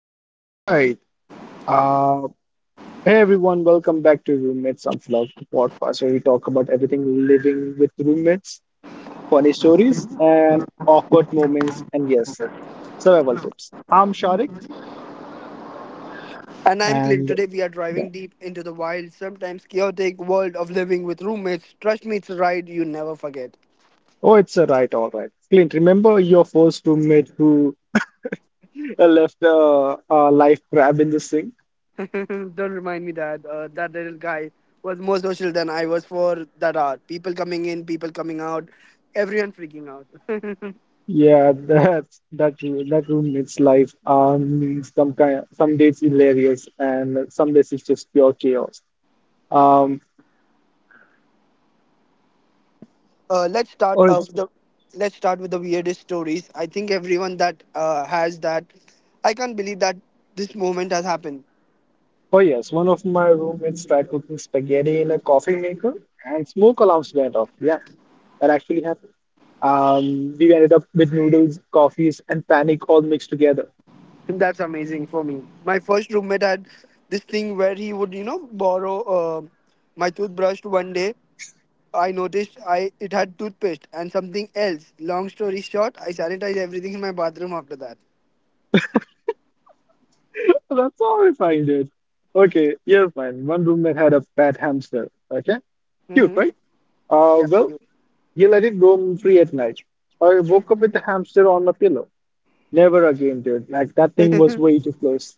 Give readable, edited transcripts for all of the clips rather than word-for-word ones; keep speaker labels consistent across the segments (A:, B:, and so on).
A: All right. Uh, Hey everyone, welcome back to Roommates Unplugged, the podcast where we talk about everything living with roommates, funny stories, and awkward moments, and yes, survival tips. I'm Sharik,
B: And I'm Clint.
A: and
B: Today we are
A: yeah,
B: driving deep into the wild, sometimes chaotic world of living with roommates. Trust me, it's a ride you never forget.
A: oh, it's a right, all right. Clint, remember your first roommate who left a life crab in the sink?
B: Don't remind me that that little guy was more social than I was for that hour. People coming in, people coming out, everyone freaking out.
A: Yeah, that's that roommate's life. Some days hilarious, and some days it's just pure chaos. Um,
B: uh, let's start
A: Oh,
B: uh,
A: it's,
B: with the let's start with the weirdest stories. I think everyone that has that. I can't believe that this moment has happened.
A: oh Yes, one of my roommates tried cooking spaghetti in a coffee maker and smoke alarms went off. Yeah, that actually happened. We ended up with noodles, coffees, and panic all mixed together.
B: That's amazing for me. My first roommate had this thing where he would, you know, borrow my toothbrush. One day, I noticed I it had toothpaste and something else. Long story short, I sanitized everything in my bathroom after that.
A: That's horrifying, dude. Okay, you're fine. One roommate had a pet hamster. Okay, cute,
B: Hmm.
A: right?
B: Yeah.
A: Well, he let it roam free at night. I woke up with the hamster on my pillow. Never again, dude. Like that thing was way too close.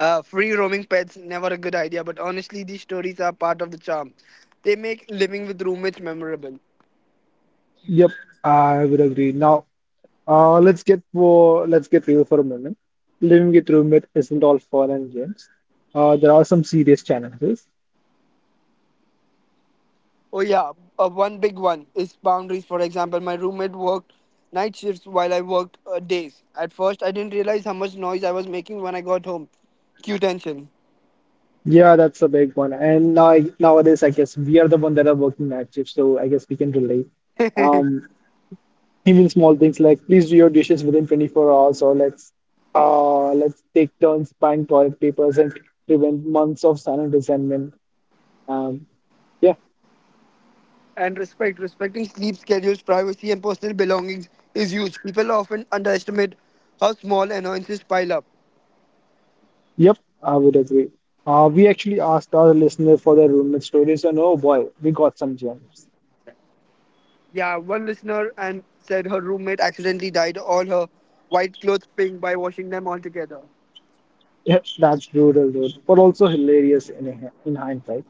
B: Free roaming pets never a good idea, but honestly, these stories are part of the charm. They make living with roommates memorable.
A: Yep, I would agree. Now uh, let's get real for a moment. Living with roommate isn't all fun and games. There are some serious challenges.
B: Oh yeah, one big one is boundaries. For example, my roommate worked night shifts while I worked days. At first, I didn't realize how much noise I was making when I got home. Cue tension.
A: Yeah, that's a big one. And nowadays, I guess we are the one that are working night shifts, so I guess we can relate. Um, Even small things like please do your dishes within 24 hours, or let's take turns buying toilet papers and prevent months of silent resentment. Um, yeah.
B: And respecting sleep schedules, privacy, and personal belongings is huge. People often underestimate how small annoyances pile up.
A: Yep, I would agree. We actually asked our listener for their roommate stories, and oh boy, we got some gems.
B: Yeah, one listener and said her roommate accidentally dyed all her white clothes pink by washing them all together.
A: Yep, that's brutal, dude, but also hilarious in hindsight.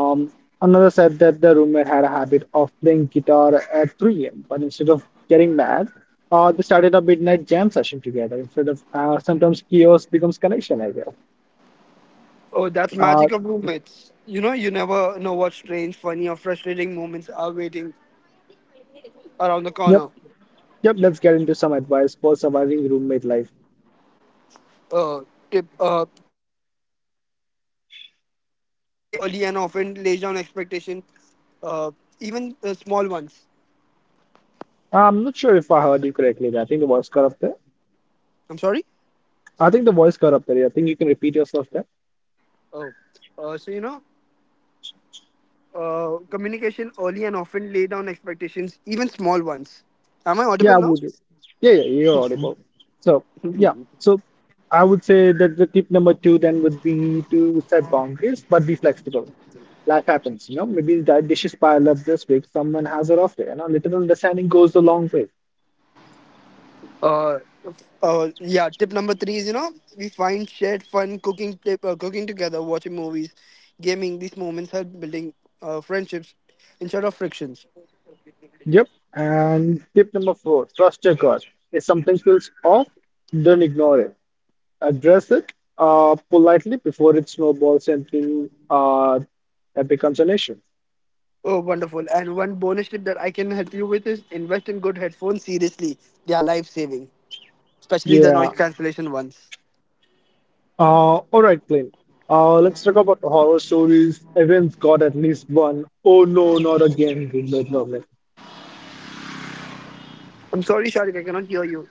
A: Um, Another said that the roommate had a habit of playing guitar at 3 a.m., but instead of getting mad, they started a midnight jam session together. Instead of Sometimes chaos becomes connection, I guess.
B: Oh, that's
A: Uh,
B: magic of roommates. You know, you never know what strange, funny, or frustrating moments are waiting around the
A: yep,
B: corner.
A: yep, let's get into some advice for surviving roommate life.
B: Uh, tip number one to remember, you know, communication early and often lays down expectation, uh, even small ones.
A: I'm not sure if I heard you correctly, but I think the was correct.
B: I'm sorry?
A: I think the voice got up there. I think you can repeat yourself there.
B: Oh, so, you know, communication early and often lay down expectations, even small ones. Am I
A: Yeah,
B: audible
A: I
B: now?
A: would. Yeah, yeah, you're audible. So, yeah. So, I would say that the tip number two then would be to set boundaries, but be flexible. Life happens, you know. Maybe that dishes pile up this week. Someone has a off day, and a little understanding goes a long way.
B: Uh, yeah. Tip number three is you know we find shared fun cooking, cooking together, watching movies, gaming. These moments help building friendships instead of frictions.
A: Yep. And tip number four, trust your gut. If something feels off, don't ignore it. Address it politely before it snowballs into that becomes an issue.
B: Oh, wonderful! And one bonus tip that I can help you with is invest in good headphones. Seriously, they are life saving, especially the noise
A: Yeah.
B: cancellation ones.
A: All right, Clint. Let's talk about horror stories. Everyone's got at least one. Oh no, not again, Gilbert Goblin.
B: I'm sorry, Sharik, I cannot hear you.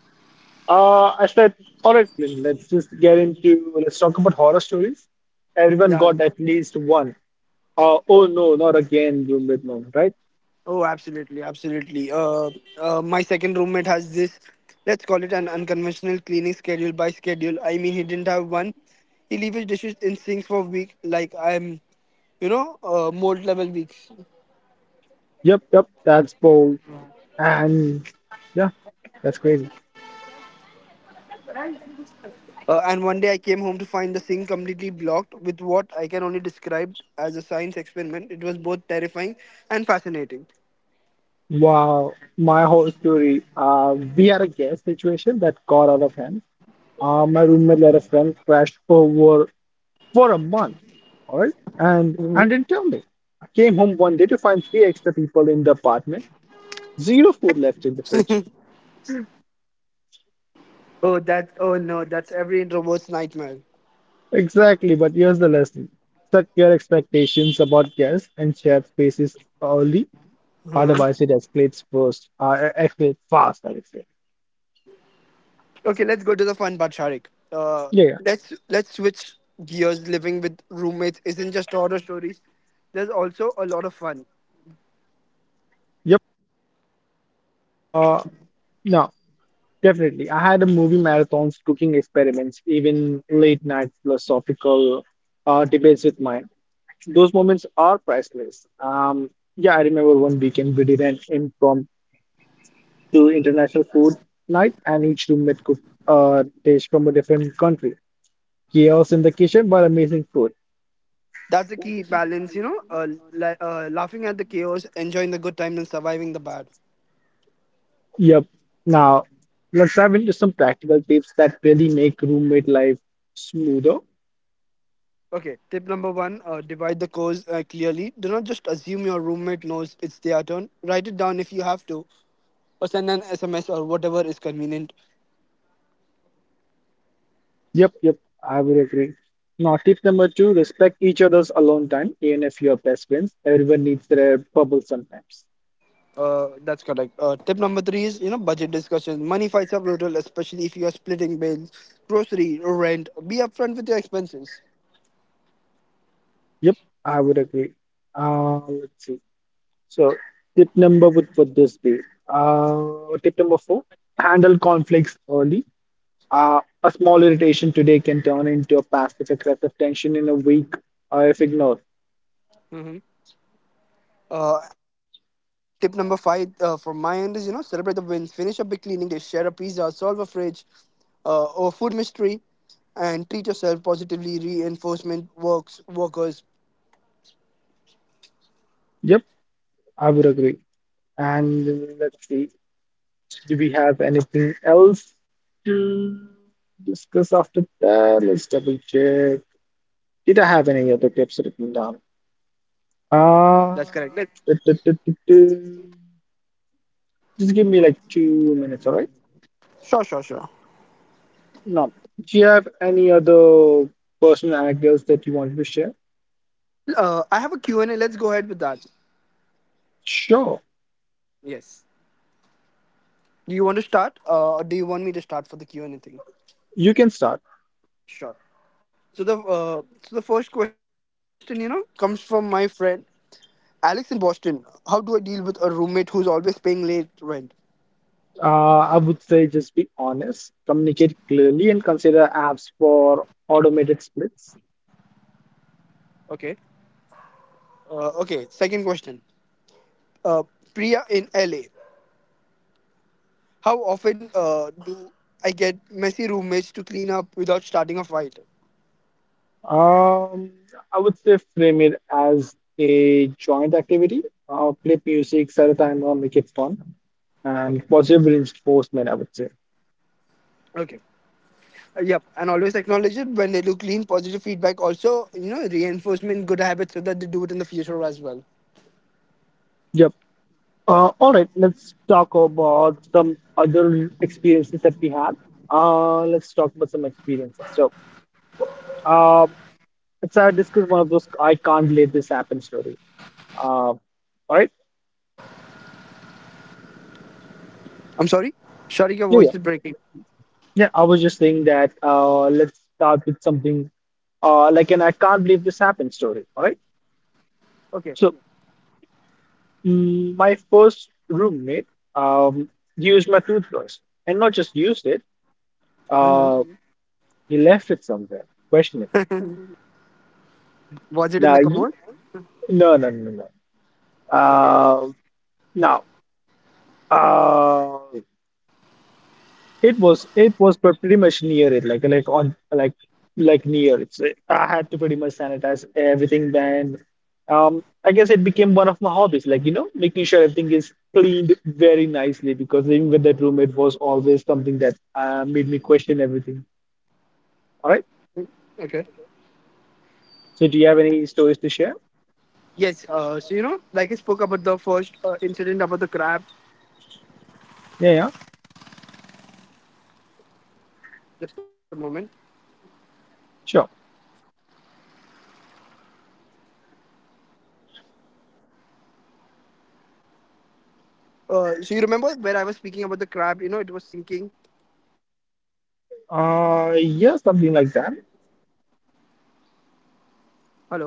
A: I said, all right, Clint. Let's just get into. Let's talk about horror stories. Everyone
B: Yeah.
A: got at least one. Oh
B: Oh.
A: no, not again, Gilbert Goblin. Right?
B: Oh, absolutely, absolutely. My second roommate has this, let's call it an unconventional cleaning schedule by schedule. I mean, he didn't have one. He leaves his dishes in sinks for a week, like mold level weeks.
A: Yep, yep. That's bold. And yeah, that's crazy.
B: And one day I came home to find the sink completely blocked with what I can only describe as a science experiment. It was both terrifying and fascinating.
A: Wow, my whole story. We had a gas situation that got out of hand. My roommate let a friend crash over for a month, all right? And didn't tell me. I came home one day to find three extra people in the apartment, zero food left in the fridge.
B: Oh no, that's every introvert's nightmare.
A: Exactly, but here's the lesson. Set your expectations about guests and shared spaces early, otherwise it escalates first. Escalates fast, I would say.
B: Okay, let's go to the fun part, Sharik. Uh,
A: Yeah, yeah.
B: let's switch gears. Living with roommates isn't just horror stories. There's also a lot of fun.
A: Yep. Uh, no, Definitely. I had a movie marathons, cooking experiments, even late night philosophical debates with mine. Those moments are priceless. Yeah, I remember one weekend we did an impromptu international food night, and each roommate cooked a dish from a different country. Chaos in the kitchen, but amazing food.
B: That's the key balance, you know. Laughing at the chaos, enjoying the good times, and surviving the bad.
A: Yep. Now, let's dive into some practical tips that really make roommate life smoother.
B: Okay, tip number one: divide the chores clearly. Do not just assume your roommate knows it's their turn. Write it down if you have to, or send an SMS or whatever is convenient.
A: Yep, yep, I would agree. Now, tip number two, respect each other's alone time, even if you're best friends. Everyone needs their bubble sometimes.
B: That's correct. Tip number three is you know budget discussion. Money fights are brutal, especially if you are splitting bills, grocery, rent. Be upfront with your expenses.
A: Yep, I would agree. Let's see. So, tip number would this be? Tip number four: handle conflicts early. A small irritation today can turn into a passive aggressive tension in a week if ignored.
B: And tip number five from my end is you know celebrate the wins. Finish a big cleaning day. Share a pizza. Solve a fridge, or food mystery, and treat yourself positively. Reinforcement works workers.
A: Yep, I would agree. And let's see. Do we have anything else to discuss after that? Let's double check. Did I have any other tips written down?
B: That's correct.
A: Uh, duh, duh, duh, duh, duh. Just give me like 2 minutes, all right?
B: Sure, sure, sure.
A: No. Do you have any other personal anecdotes that you wanted to share?
B: I have a Q&A. Let's go ahead with that.
A: Sure,
B: Yes. Do you want to start? Or do you want me to start for the Q&A thing?
A: you can start.
B: Sure. So the first question, you know, comes from my friend Alex in Boston. How do I deal with a roommate who's always paying late rent?
A: I would say just be honest, communicate clearly, and consider apps for automated splits.
B: Okay. Okay. Second question. Uh, Priya in LA. How often do I get messy roommates to clean up without starting a fight?
A: Um, I would say frame it as a joint activity. Play music, set a timer, make it fun, and
B: Okay.
A: positive reinforcement, I would say.
B: Okay. Yep. And always acknowledge it when they do clean. Positive feedback also, you know, reinforcement, good habits so that they do it in the future as well.
A: Yep. All right, let's talk about some other experiences that we had. Let's talk about some experiences. So, uh, let's discuss one of those I can't let this happen story. All right,
B: I'm sorry. Sorry, your
A: yeah,
B: voice
A: yeah,
B: is breaking.
A: yeah. I was just saying that. Let's start with something like an I can't believe this happened story. All right,
B: Okay.
A: so mm, my first roommate um, used my toothbrush and not just used it,
B: Mhm.
A: uh, he left it somewhere, questionable.
B: Was it in
A: Now,
B: the
A: you,
B: commode?
A: no, no, no, no.
B: Okay.
A: Uh, now, uh, it was It was pretty much near it, like like near it. So I had to pretty much sanitize everything. Then, I guess it became one of my hobbies, like you know, making sure everything is cleaned very nicely because living with that roommate was always something that made me question everything. All right.
B: Okay.
A: So, do you have any stories to share?
B: Yes. So you know, like I spoke about the first incident about the crab.
A: Yeah, yeah,
B: Just a moment.
A: sure.
B: So you remember where I was speaking about the crab? You know, it was sinking. Sink incident.
A: Yeah, something like that.
B: Hello.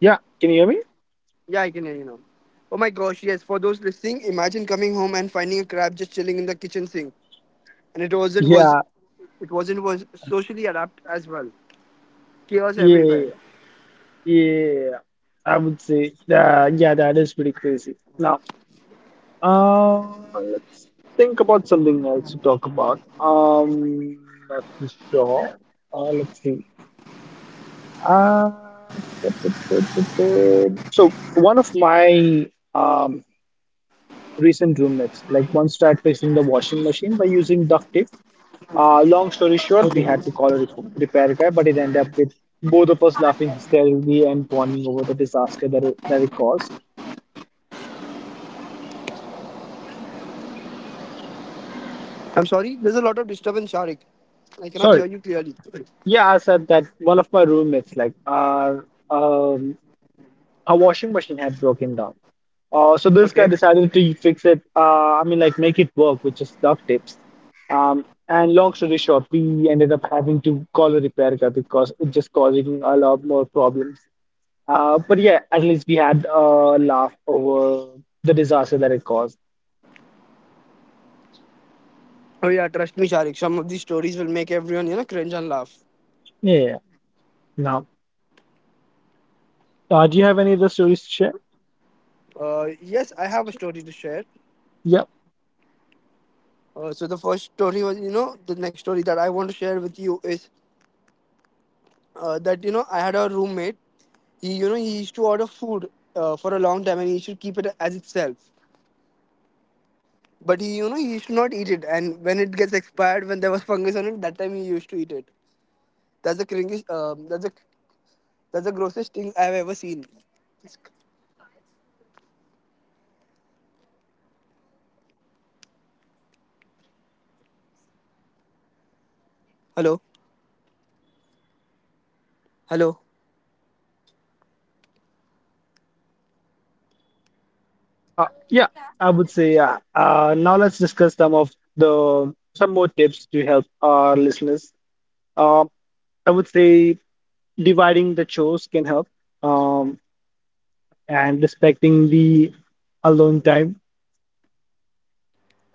A: Yeah, can you hear me?
B: Yeah, I can hear you now. Oh my gosh! Yes. For those listening, imagine coming home and finding a crab just chilling in the kitchen sink, and
A: Yeah,
B: it wasn't was socially adept as well. Chaos
A: yeah.
B: everywhere.
A: Yeah, I would say that. Yeah, that is pretty crazy. Now, let's think about something else to talk about. Not too sure. Let's see. Uh, so one of my um recent roommates like once tried fixing the washing machine by using duct tape. Long
B: Okay.
A: story short, we had to call a repair guy, but it ended up with both of us laughing hysterically and bonding over the disaster that it caused.
B: I'm sorry. There's a lot of disturbance, Sharik. I cannot hear you
A: Sorry.
B: clearly.
A: Yeah, I said that one of my roommates, like, our washing machine had broken down. So
B: Okay.
A: this guy decided to fix it. I mean, like, make it work with just duct tapes. And long story short, we ended up having to call a repair guy because it just causing a lot more problems. But yeah, at least we had a laugh over the disaster that it caused.
B: Oh yeah, trust me, Sharik. Some of these stories will make everyone you know cringe and laugh.
A: Yeah. Now, do you have any other stories to share?
B: Yes, I have a story to share.
A: Yeah.
B: So the first story was you know The next story that I want to share with you is that you know I had a roommate. He you know he used to order food for a long time and he used to keep it as itself. But he you know he used to not eat it, and when it gets expired, when there was fungus on it, that time he used to eat it. That's the cringiest. That's the grossest thing I've ever seen. Hello, hello.
A: Uh, yeah, I would say yeah. Now let's discuss some of the some more tips to help our listeners. Um, I would say dividing the chores can help, um, and respecting the alone time,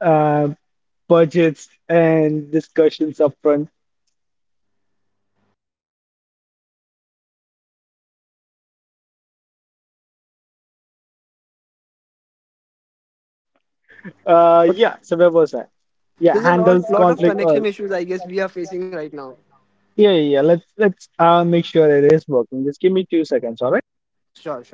A: uh, budgets, and discussions upfront. Yeah. So where was I? Yeah,
B: There's a lot,
A: handles
B: lot of
A: conflict. Or
B: connection issues I guess we are facing right now.
A: yeah, yeah. Yeah, let's make sure it is working. Just give me 2 seconds, all right?
B: Sure, sure.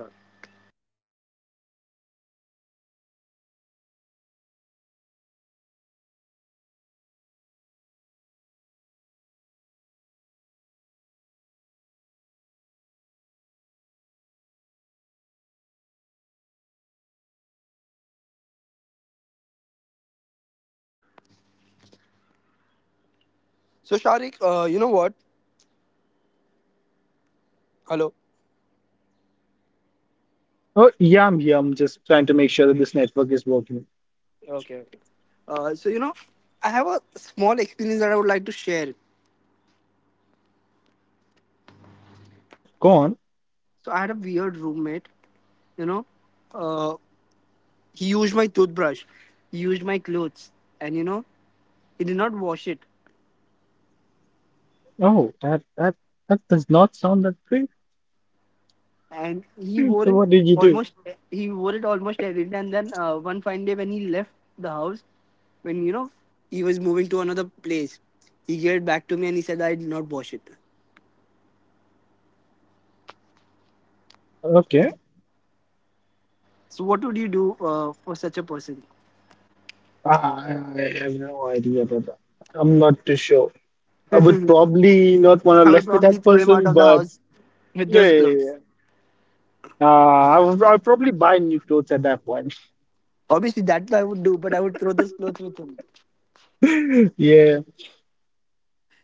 B: So, Sharik, you know what? Hello.
A: Oh yeah, I'm here. I'm just trying to make sure that this network is working.
B: Okay, okay. So you know, I have a small experience that I would like to share.
A: Yep, go on.
B: So I had a weird roommate. You know, uh, he used my toothbrush, he used my clothes, and you know, he did not wash it.
A: Oh, that does not sound that great.
B: And
A: Hmm, so what did you do?
B: almost he wore it almost every day, and then one fine day when he left the house, when you know he was moving to another place, he gave it back to me and he said, I did not wash it.
A: Okay.
B: So what would you do for such a person?
A: I have no idea about that. I'm not too sure. I
B: I
A: would probably not want to
B: would
A: live with
B: probably
A: that
B: throw him out
A: person,
B: of the
A: but
B: house with
A: yeah,
B: those
A: yeah, yeah,
B: clothes.
A: yeah. I'll probably buy new clothes at that point.
B: Obviously that I would do, but I would throw those clothes with him.
A: Yeah.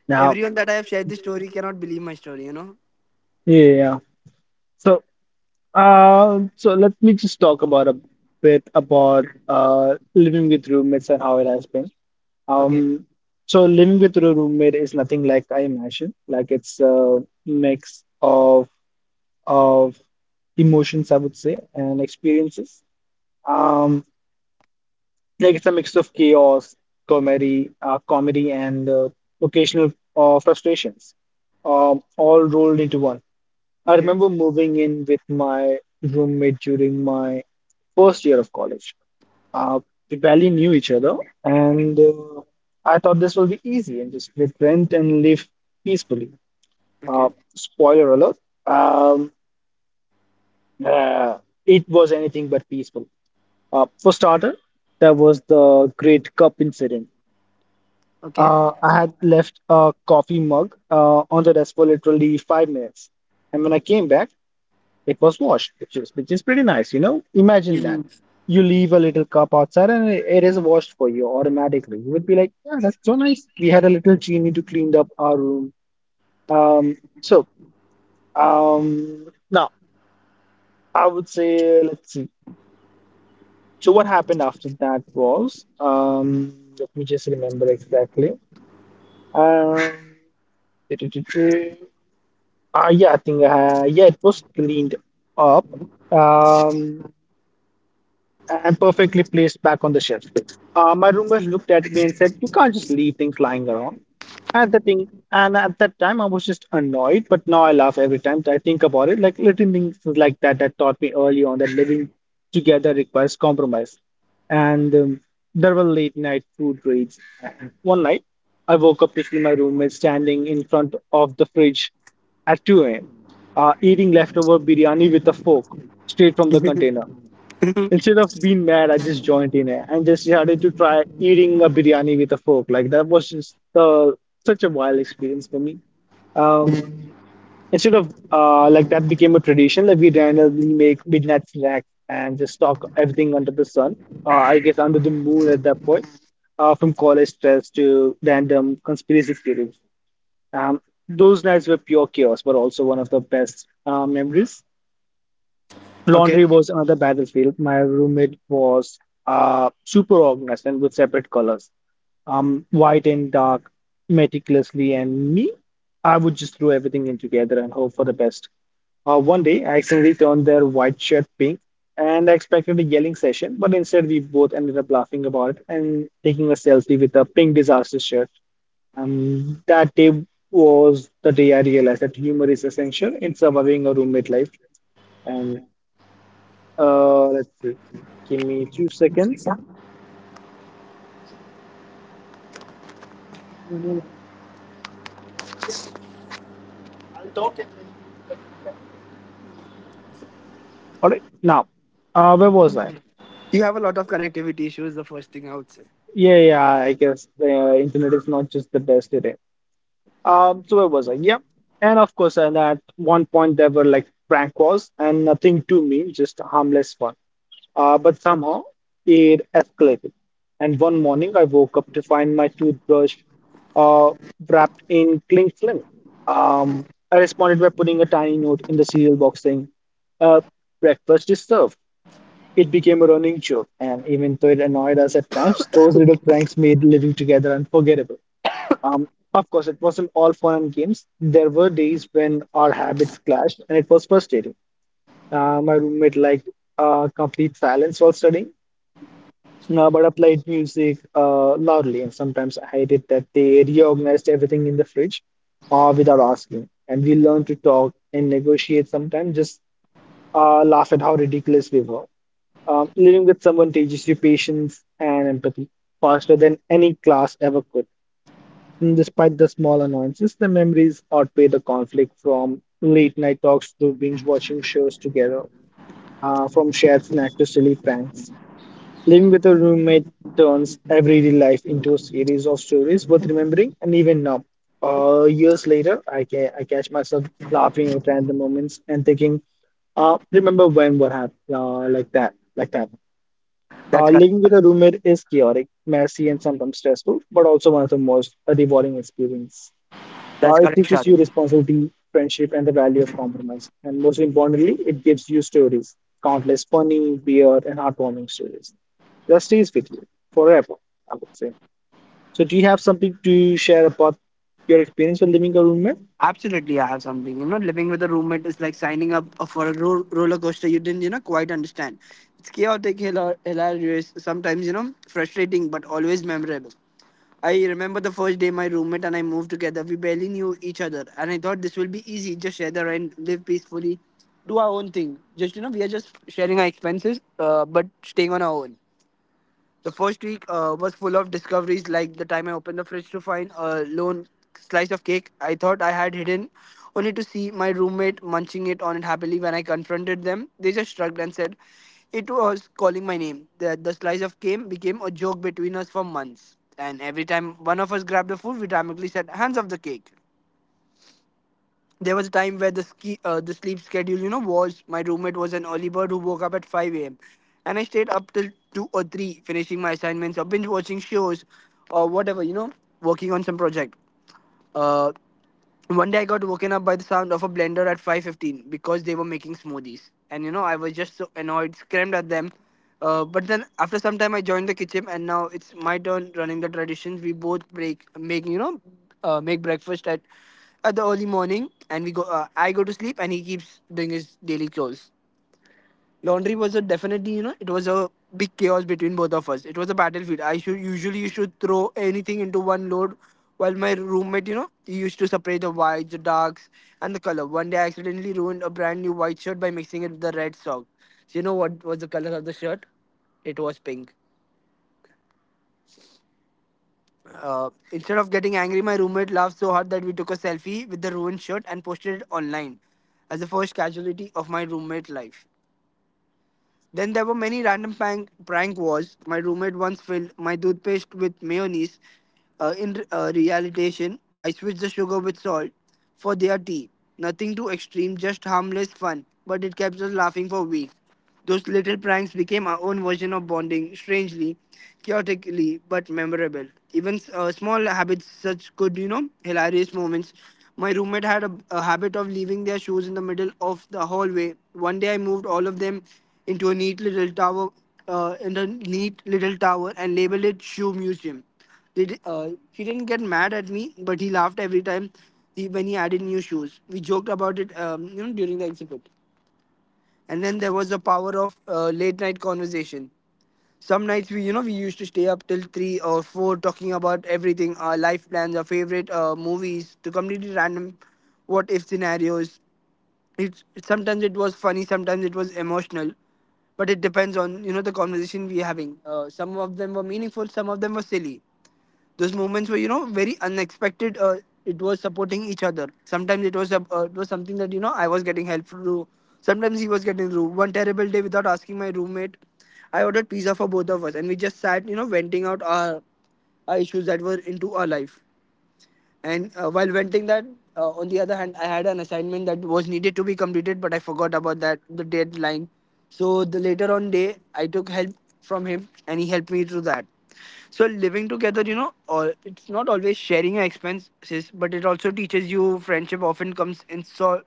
A: Now,
B: Everyone that I have shared this story cannot believe my story, you know?
A: yeah, yeah. So, so let me just talk about a bit about living with roommates and how it has been.
B: Okay,
A: Um, so living with a roommate is nothing like I imagine. Like it's a mix of of emotions, I would say, and experiences. Um, like it's a mix of chaos, comedy, and occasional frustrations, all rolled into one. I
B: okay,
A: remember moving in with my roommate during my first year of college. Uh, we barely knew each other, and I thought this will be easy and just split rent and live peacefully. Uh,
B: okay,
A: Spoiler alert, um, uh, it was anything but peaceful. For starter, there was the Great Cup incident.
B: okay.
A: I had left a coffee mug on the desk for literally 5 minutes, and when I came back, it was washed, which is pretty nice, you know. Imagine that.
B: Mhm.
A: You leave a little cup outside and it is washed for you automatically. You would be like, yeah, that's so nice. We had a little genie to clean up our room. Um, so Now I would say let's see. So what happened after that was let me just remember exactly. Um Ah, yeah, I think yeah, it was cleaned up. Um, And perfectly placed back on the shelf. My roommate looked at me and said, "You can't just leave things lying around." At the thing, and at that time, I was just annoyed, but now I laugh every time that I think about it. Like little things like that that taught me early on that living together requires compromise. And There were late night food raids. And one night, I woke up to see my roommate standing in front of the fridge at 2 a.m., eating leftover biryani with a fork straight from the container. Instead of being mad, I just joined in it and just started to try eating a biryani with a fork. Like that was just such a wild experience for me. Um, Instead of like that became a tradition. Like we randomly make midnight snacks and just stock everything under the sun. I guess under the moon at that point. From college stress to random conspiracy theories. Um, those nights were pure chaos, but also one of the best memories.
B: Okay,
A: Laundry was another battlefield. My roommate was super organized and with separate colors, white and dark, meticulously. And me, I would just throw everything in together and hope for the best. One day, I accidentally turned their white shirt pink, and I expected a yelling session, but instead, we both ended up laughing about it and taking a selfie with a pink disaster shirt. That day was the day I realized that humor is essential in surviving a roommate life. And let's see. Give me two seconds. All right, now, where was I?
B: you have a lot of connectivity issues, the first thing I would say.
A: Yeah, yeah, I guess the internet is not just the best today. So where was I? Yeah. And of course, and at one point there were like prank calls and nothing to me, just a harmless one. But somehow it escalated. And one morning I woke up to find my toothbrush uh, wrapped in cling film. I responded by putting a tiny note in the cereal box saying, uh, breakfast is served. It became a running joke, and even though it annoyed us at times, those little pranks made living together unforgettable. Um, of course, it wasn't all fun and games. There were days when our habits clashed, and it was frustrating. My roommate liked complete silence while studying, but I played music loudly, and sometimes I hated that they reorganized everything in the fridge without asking. And we learned to talk and negotiate sometimes, just laugh at how ridiculous we were. Living with someone teaches you patience and empathy faster than any class ever could. Mm, despite the small annoyances, the memories outweigh the conflict from late night talks to binge watching shows together, from shared snack to silly pranks. Living with a roommate turns everyday life into a series of stories worth remembering, and even now, years later, I catch myself laughing at random moments and thinking, remember when what happened, like that.
B: That's correct.
A: Living with a roommate is chaotic, messy, and sometimes stressful, but also one of the most rewarding experiences.
B: That's
A: It
B: correct,
A: teaches
B: Sharik.
A: you responsibility, friendship, and the value of compromise. And most importantly, it gives you stories, countless funny, weird, and heartwarming stories that stays with you forever, I would say. So, do you have something to share about your experience with living a roommate?
B: Absolutely, I have something. You know, living with a roommate is like signing up for a roller coaster you didn't, you know, quite understand. It's chaotic, hilarious, sometimes, you know, frustrating, but always memorable. I remember the first day my roommate and I moved together. We barely knew each other, and I thought this will be easy. Just share the rent, live peacefully, do our own thing. Just, you know, we are just sharing our expenses, but staying on our own. The first week was full of discoveries, like the time I opened the fridge to find a lone slice of cake I thought I had hidden, only to see my roommate munching it on it happily. When I confronted them, they just shrugged and said it was calling my name. The slice of cake became a joke between us for months. And every time one of us grabbed the food, we dramatically said, Hands off the cake. There was a time where the sleep schedule, you know, was, my roommate was an early bird who woke up at 5 a.m., and I stayed up till 2 or 3 finishing my assignments or binge watching shows, or whatever, you know, working on some project. uh, One day I got woken up by the sound of a blender at 5:15 because they were making smoothies, and you know I was just so annoyed, screamed at them. But then after some time I joined the kitchen, and now it's my turn running the traditions. We both break make, you know, make breakfast at the early morning, and we go. I go to sleep, and he keeps doing his daily chores. Laundry was a definitely, it was a big chaos between both of us. It was a battlefield. I should usually, you should throw anything into one load, while my roommate, he used to separate the whites, the darks, and the color. One day I accidentally ruined a brand new white shirt by mixing it with the red sock. So you know what was the color of the shirt? It was pink. Instead of getting angry, my roommate laughed so hard that we took a selfie with the ruined shirt and posted it online as the first casualty of my roommate life. Then there were many random prank wars. My roommate once filled my toothpaste with mayonnaise. In realization, I switched the sugar with salt for their tea. Nothing too extreme, just harmless fun. But it kept us laughing for weeks. Those little pranks became our own version of bonding, strangely, chaotically, but memorable. Even small habits, such good, hilarious moments. My roommate had a habit of leaving their shoes in the middle of the hallway. One day I moved all of them into a neat little tower and labeled it Shoe Museum. He didn't get mad at me, but he laughed every time when he added new shoes. We joked about it, during the exhibit. And then there was the power of late night conversation. Some nights we used to stay up till three or four talking about everything, our life plans, our favorite movies, the completely random what if scenarios. It's sometimes it was funny, sometimes it was emotional, but it depends on, the conversation we're having. Some of them were meaningful, some of them were silly. Those moments were, very unexpected. It was supporting each other. Sometimes it was it was something that, I was getting help through. Sometimes he was getting through one terrible day. Without asking my roommate, I ordered pizza for both of us, and we just sat, venting out our issues that were into our life. And while venting that, on the other hand, I had an assignment that was needed to be completed, but I forgot about that, the deadline. So the later on day, I took help from him, and he helped me through that. So living together, you know, all, it's not always sharing your expenses, but it also teaches you friendship often comes in, so,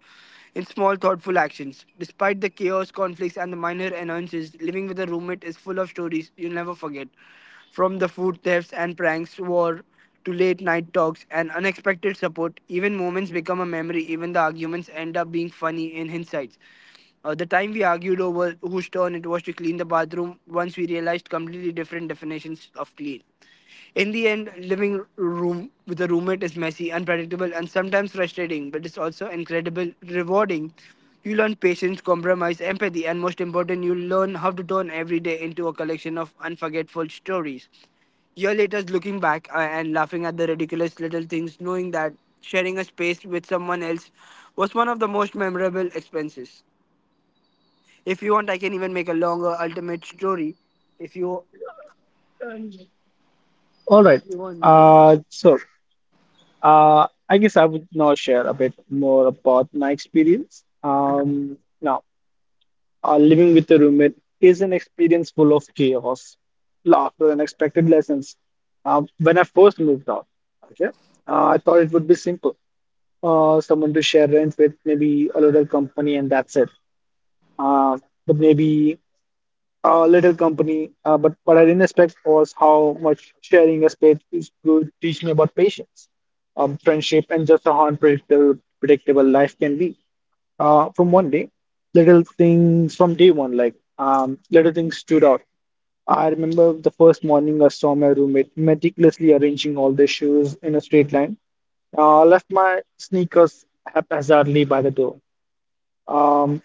B: in small thoughtful actions. Despite the chaos, conflicts, and the minor annoyances, living with a roommate is full of stories you'll never forget. From the food thefts and pranks war to late night talks and unexpected support, even moments become a memory. Even the arguments end up being funny in hindsight. The time we argued over whose turn it was to clean the bathroom, once we realized completely different definitions of clean. In the end, living room with a roommate is messy, unpredictable, and sometimes frustrating, but it's also incredibly rewarding. You learn patience, compromise, empathy, and most important, you learn how to turn every day into a collection of unforgettable stories. Year later, looking back and laughing at the ridiculous little things, knowing that sharing a space with someone else was one of the most memorable expenses. If you want, I can even make a longer ultimate story. If you
A: All right.
B: if you want me to.
A: So, I guess I would now share a bit more about my experience. Now, living with a roommate is an experience full of chaos, laughter, and unexpected lessons. When I first moved out, okay, I thought it would be simple. Someone to share rent with, maybe a little company, and that's it. Uh, but maybe a little company, but what I didn't expect was how much sharing a space is- would teach me about patience, friendship, and just how unpredictable predictable life can be from one day. Little things from day one, like little things stood out. I remember the first morning I saw my roommate meticulously arranging all their shoes in a straight line. I left my sneakers haphazardly by the door. Um,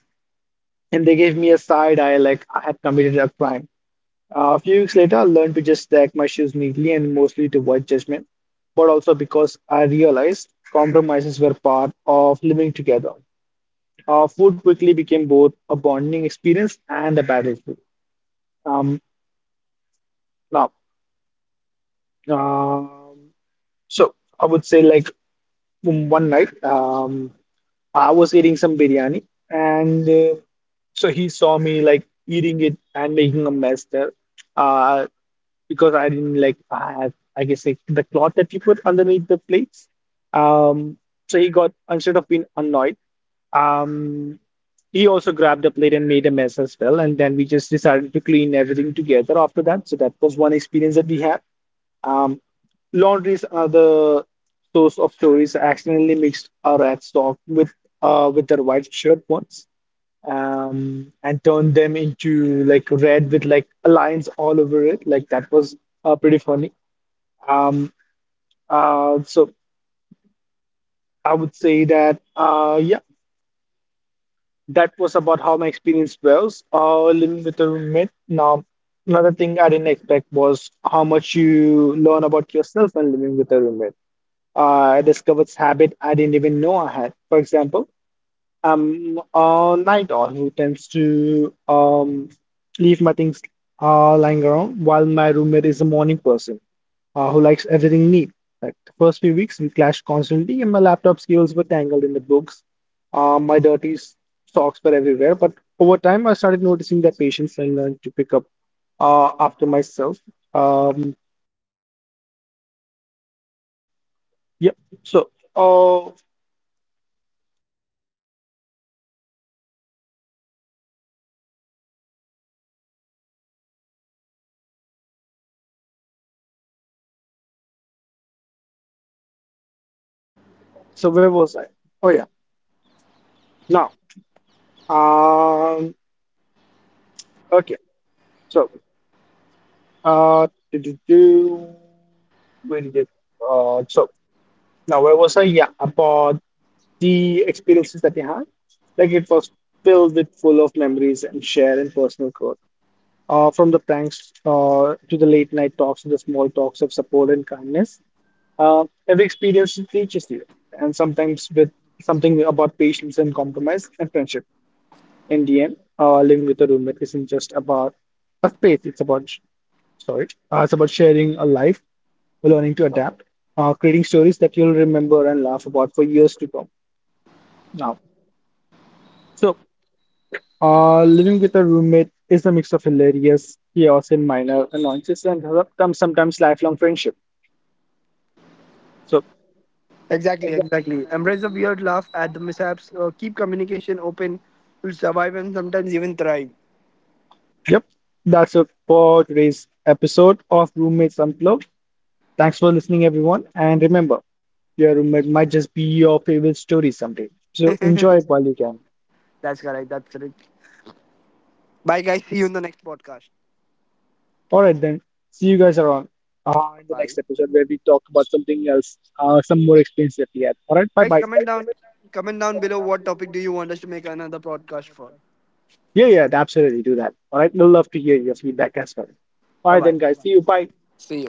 A: and they gave me a side eye like I had committed a crime. A few weeks later, I learned to just stack my shoes neatly and mostly to avoid judgment, but also because I realized compromises were part of living together. Food quickly became both a bonding experience and a battlefield. Um, now, um, so I would say like one night. I was eating some biryani, and so he saw me like eating it and making a mess there. Uh, because I didn't like I guess like the cloth that you put underneath the plates. Um, so he got instead of being annoyed, um, he also grabbed a plate and made a mess as well. And then we just decided to clean everything together after that. So that was one experience that we had. Um, Laundries are the source of stories. Accidentally mixed our ad stock with their white shirt ones, and turned them into like red with like lines all over it. Like that was pretty funny. Um, so I would say that yeah, that was about how my experience was living with a roommate. Now, another thing I didn't expect was how much you learn about yourself when living with a roommate. I discovered habit I didn't even know I had. For example, I'm a night owl who tends to leave my things lying around, while my roommate is a morning person who likes everything neat. Like the first few weeks, we clashed constantly, and my laptop cables were tangled in the books. My socks were everywhere. But over time, I started noticing that patience. I learned to pick up after myself. Um, yep. So, all right. So where was I? Oh yeah. Now, um, okay, so did you do where did it? So now where was I? Yeah, about the experiences that they had. Like it was filled with full of memories and share and personal growth. From the pranks to the late night talks to the small talks of support and kindness. Every experience teaches you, and sometimes with something about patience and compromise and friendship. In the Living with a roommate isn't just about a space. It's about, sorry, it's about sharing a life, learning to adapt, creating stories that you'll remember and laugh about for years to come now. So, living with a roommate is a mix of hilarious chaos and minor annoyances and sometimes lifelong friendship. So,
B: Exactly,
A: exactly.
B: exactly. Embrace the weird, laugh at the mishaps, keep communication open. You'll survive and sometimes even thrive.
A: Yep, that's it for today's episode of Roommates Unplugged. Thanks for listening, everyone. And remember, your roommate might just be your favorite story someday. So enjoy it while you can.
B: That's correct. That's correct. Bye, guys. See you in the next podcast.
A: All right, then. See you guys around in the next
B: Bye,
A: episode where we talk about something else, some more experience that we had. All right, bye
B: guys.
A: bye.
B: Comment down below what topic do you want us to make another podcast for.
A: Yeah, yeah, absolutely. Do that. All right, we'll love to hear your feedback as well. All
B: Bye,
A: right,
B: bye.
A: then, guys. See you. Bye.
B: See you.